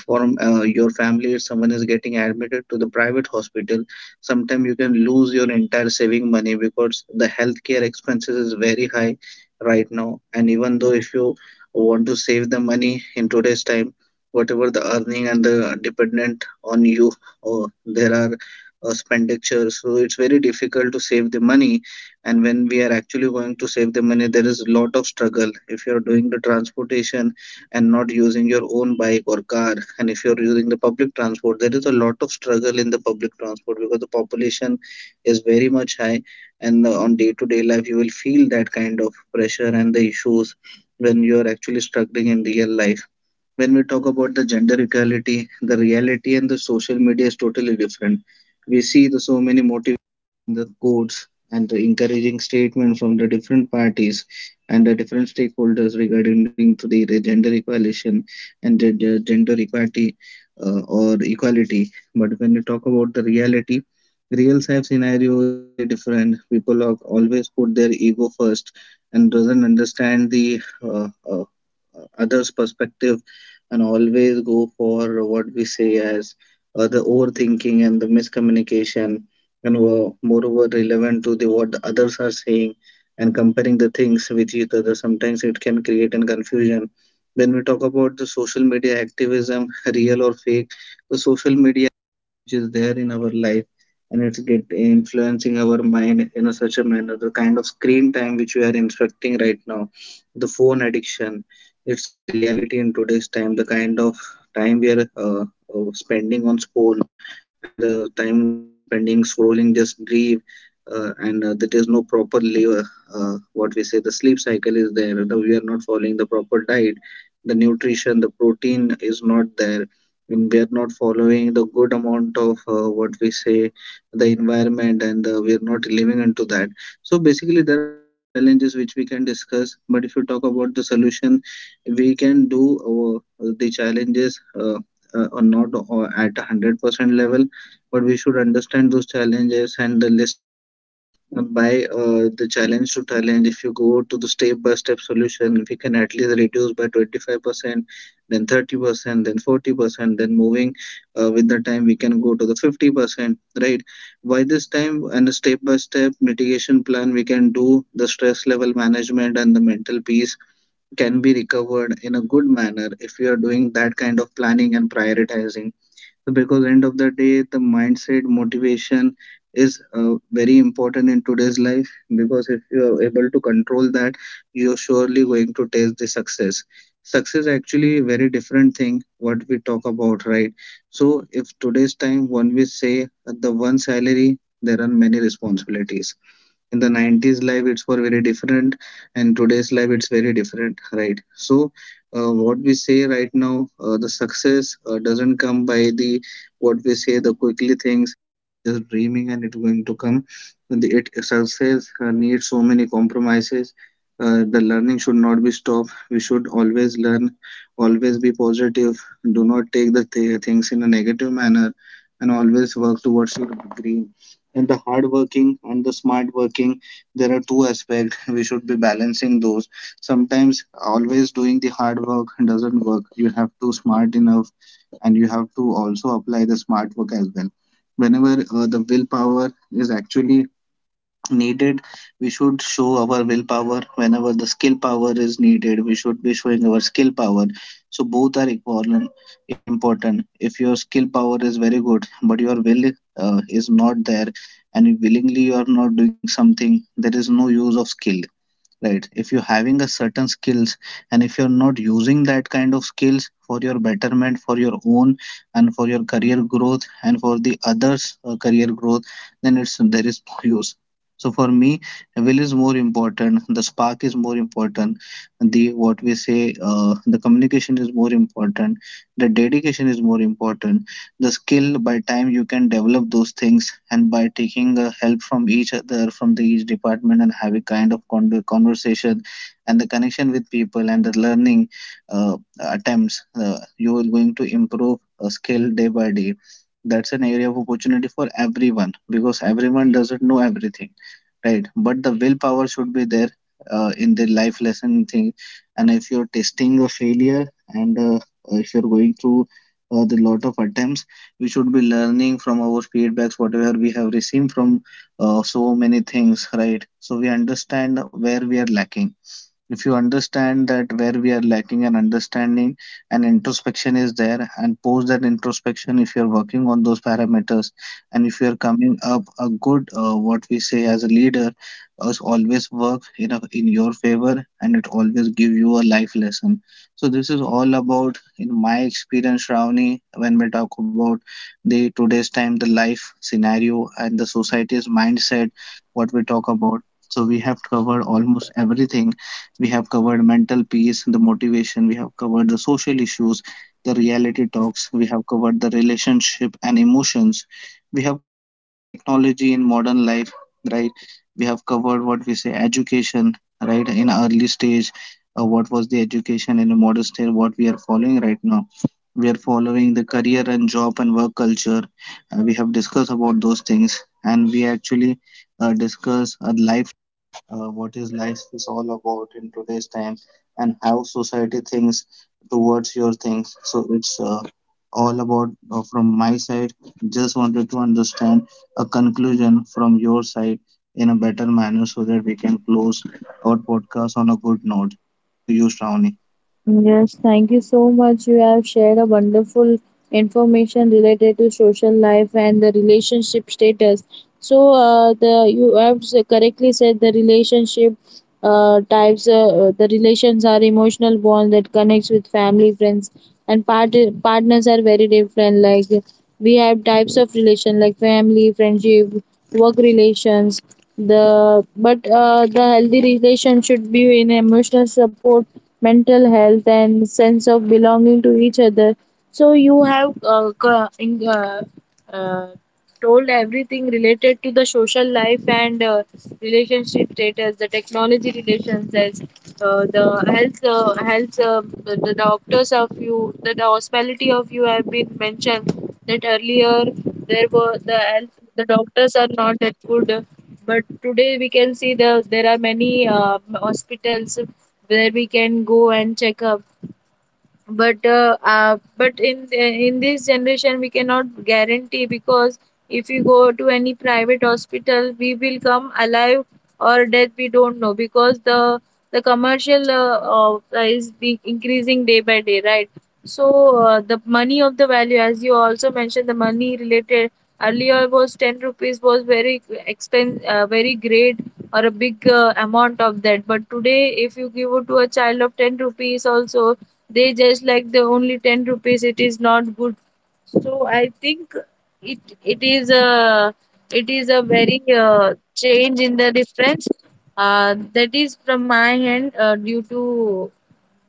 [SPEAKER 1] For your family, if someone is getting admitted to the private hospital, sometimes you can lose your entire saving money because the healthcare expenses is very high right now. And even though if you want to save the money in today's time, whatever the earning and the dependent on you, or there are expenditure, so it's very difficult to save the money. And when we are actually going to save the money, there is a lot of struggle. If you are doing the transportation and not using your own bike or car, and if you're using the public transport, there is a lot of struggle in the public transport because the population is very much high. And on day to day life, you will feel that kind of pressure and the issues when you are actually struggling in real life. When we talk about the gender equality, the reality and the social media is totally different. We see the so many motivations, the quotes, and the encouraging statement from the different parties and the different stakeholders regarding to the gender equality and the gender equality or equality. But when we talk about the reality, real life scenario is very different. People are always put their ego first and doesn't understand the others' perspective, and always go for what we say as the overthinking and the miscommunication, and were moreover relevant to the what the others are saying, and comparing the things with each other sometimes it can create an confusion. When we talk about the social media activism real or fake, the social media which is there in our life, and it's get influencing our mind in a such a manner. The kind of screen time which we are inspecting right now, the phone addiction, it's a reality in today's time. The kind of time we are uh, spending on phone, and the time we are spending scrolling just grieve, and there is no proper live, what we say, the sleep cycle is there, the, we are not following the proper diet, the nutrition, the protein is not there, and we are not following the good amount of what we say, the environment, and we are not living into that. So basically, there are a lot of challenges which we can discuss. But if you talk about the solution, we can do our, the challenges or not at 100% level, but we should understand those challenges and list it down by the challenge to challenge. If you go to the step by step solution, we can at least reduce by 25%, then 30%, then 40%, then moving with the time we can go to the 50%, right? By this time and a step by step mitigation plan, we can do the stress level management, and the mental peace can be recovered in a good manner if you are doing that kind of planning and prioritizing. So because end of the day, the mindset motivation is very important in today's life, because if you are able to control that, you're surely going to taste the success. Success actually very different thing, what we talk about, right? So if today's time, when we say the one salary, there are many responsibilities. In the 90s life, it's for very different, and today's life it's very different, right? So what we say right now, the success doesn't come by the what we say the quickly things, just dreaming and it's going to come. The it success needs so many compromises. The learning should not be stopped, we should always learn, always be positive, do not take the things in a negative manner, and always work towards your dream. And the hard working and the smart working, there are two aspects we should be balancing those. Sometimes always doing the hard work doesn't work, you have to smart enough, and you have to also apply the smart work as well. Whenever the willpower is actually needed, we should show our willpower. Whenever the skill power is needed, we should be showing our skill power. So both are equivalent important. If your skill power is very good but your will is not there, and if willingly you are not doing something, there is no use of skill, right? If you're having a certain skills, and if you're not using that kind of skills for your betterment, for your own, and for your career growth and for the others career growth, then it's there is no use. So for me, will is more important, the spark is more important, the what we say the communication is more important, the dedication is more important. The skill by time you can develop those things, and by taking help from each other, from the each department, and have a kind of conversation and the connection with people and the learning attempts, you are going to improve a skill day by day. That's an area of opportunity for everyone, because everyone doesn't know everything, right? But the willpower should be there in the life lesson thing. And if you're testing a failure, and if you're going through the lot of attempts, we should be learning from our feedbacks whatever we have received from so many things, right? So we understand where we are lacking. If you understand that where we are lacking an understanding, and introspection is there, and post that introspection if you're working on those parameters, and if you're coming up a good what we say as a leader, is always work in a, in your favor, and it always give you a life lesson. So this is all about in my experience, Shravani, when we talk about the today's time, the life scenario and the society's mindset, what we talk about. So we have covered almost everything. We have covered mental peace, the motivation, we have covered the social issues, the reality talks, we have covered the relationship and emotions, we have covered the technology in modern life, right? We have covered what we say education, right? In early stage, what was the education in a modern stage? What we are following right now, we are following the career and job and work culture. We have discussed about those things, and we actually discuss a life, what is life is all about in today's time, and how society thinks towards your things. So it's all about from my side. Just wanted to understand a conclusion from your side in a better manner so that we can close our podcast on a good note. Over to you, Shravani.
[SPEAKER 2] Yes, thank you so much. You have shared a wonderful information related to social life and the relationship status. So, the, you have correctly said the relationship types. The relations are emotional bond that connects with family, friends, and partners are very different. Like, we have types of relation like family, friendship, work relations. The, but the healthy relation should be in emotional support, mental health, and sense of belonging to each other. So you have uh, told everything related to the social life and relationship status, the technology relations, as, uh, the health, the, doctors of you, the hospitality of you have been mentioned, that earlier there were the health, the doctors are not that good, but today we can see the, there are many hospitals where we can go and check up. But but in this generation we cannot guarantee, because if you go to any private hospital we will come alive or death, we don't know, because the commercial is be increasing day by day, right? So the money of the value, as you also mentioned, the money related earlier, was 10 rupees was very expense, very great or a big amount of that, but today if you give it to a child of 10 rupees also, they just like the only 10 rupees, it is not good. So I think it is a, it is a very change in the difference. That is from my end, due to,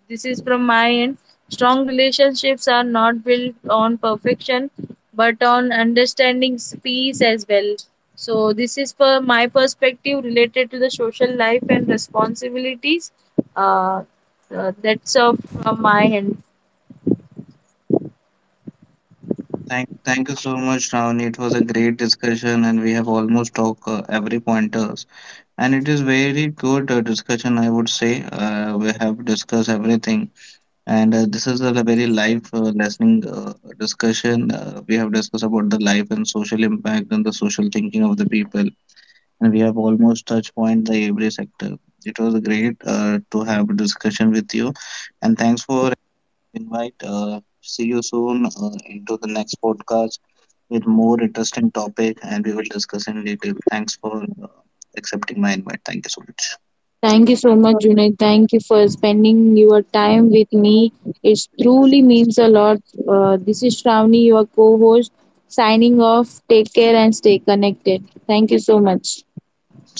[SPEAKER 2] this is from my end. Strong relationships are not built on perfection, but on understanding, peace as well. So this is for my perspective related to the social life and responsibilities. Uh, that's all from my end.
[SPEAKER 1] Thank you so much, Shravani. It was a great discussion, and we have almost talked every pointers. And it is very good discussion, I would say. We have discussed everything. And this is a very life listening discussion. We have discussed about the life and social impact and the social thinking of the people, and we have almost touched point the every sector. It was great to have a discussion with you, and thanks for invite. See you soon into the next podcast with more interesting topic, and we will discuss in detail. Thanks for accepting my invite. Thank you so much.
[SPEAKER 2] Thank you so much,
[SPEAKER 1] Sure.
[SPEAKER 2] Junaid. Thank you for spending your time with me. It truly means a lot. This is Shravani, your co host, signing off. Take care and stay connected. Thank you so much.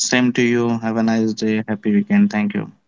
[SPEAKER 1] Same to you. Have a nice day. Happy weekend. Thank you.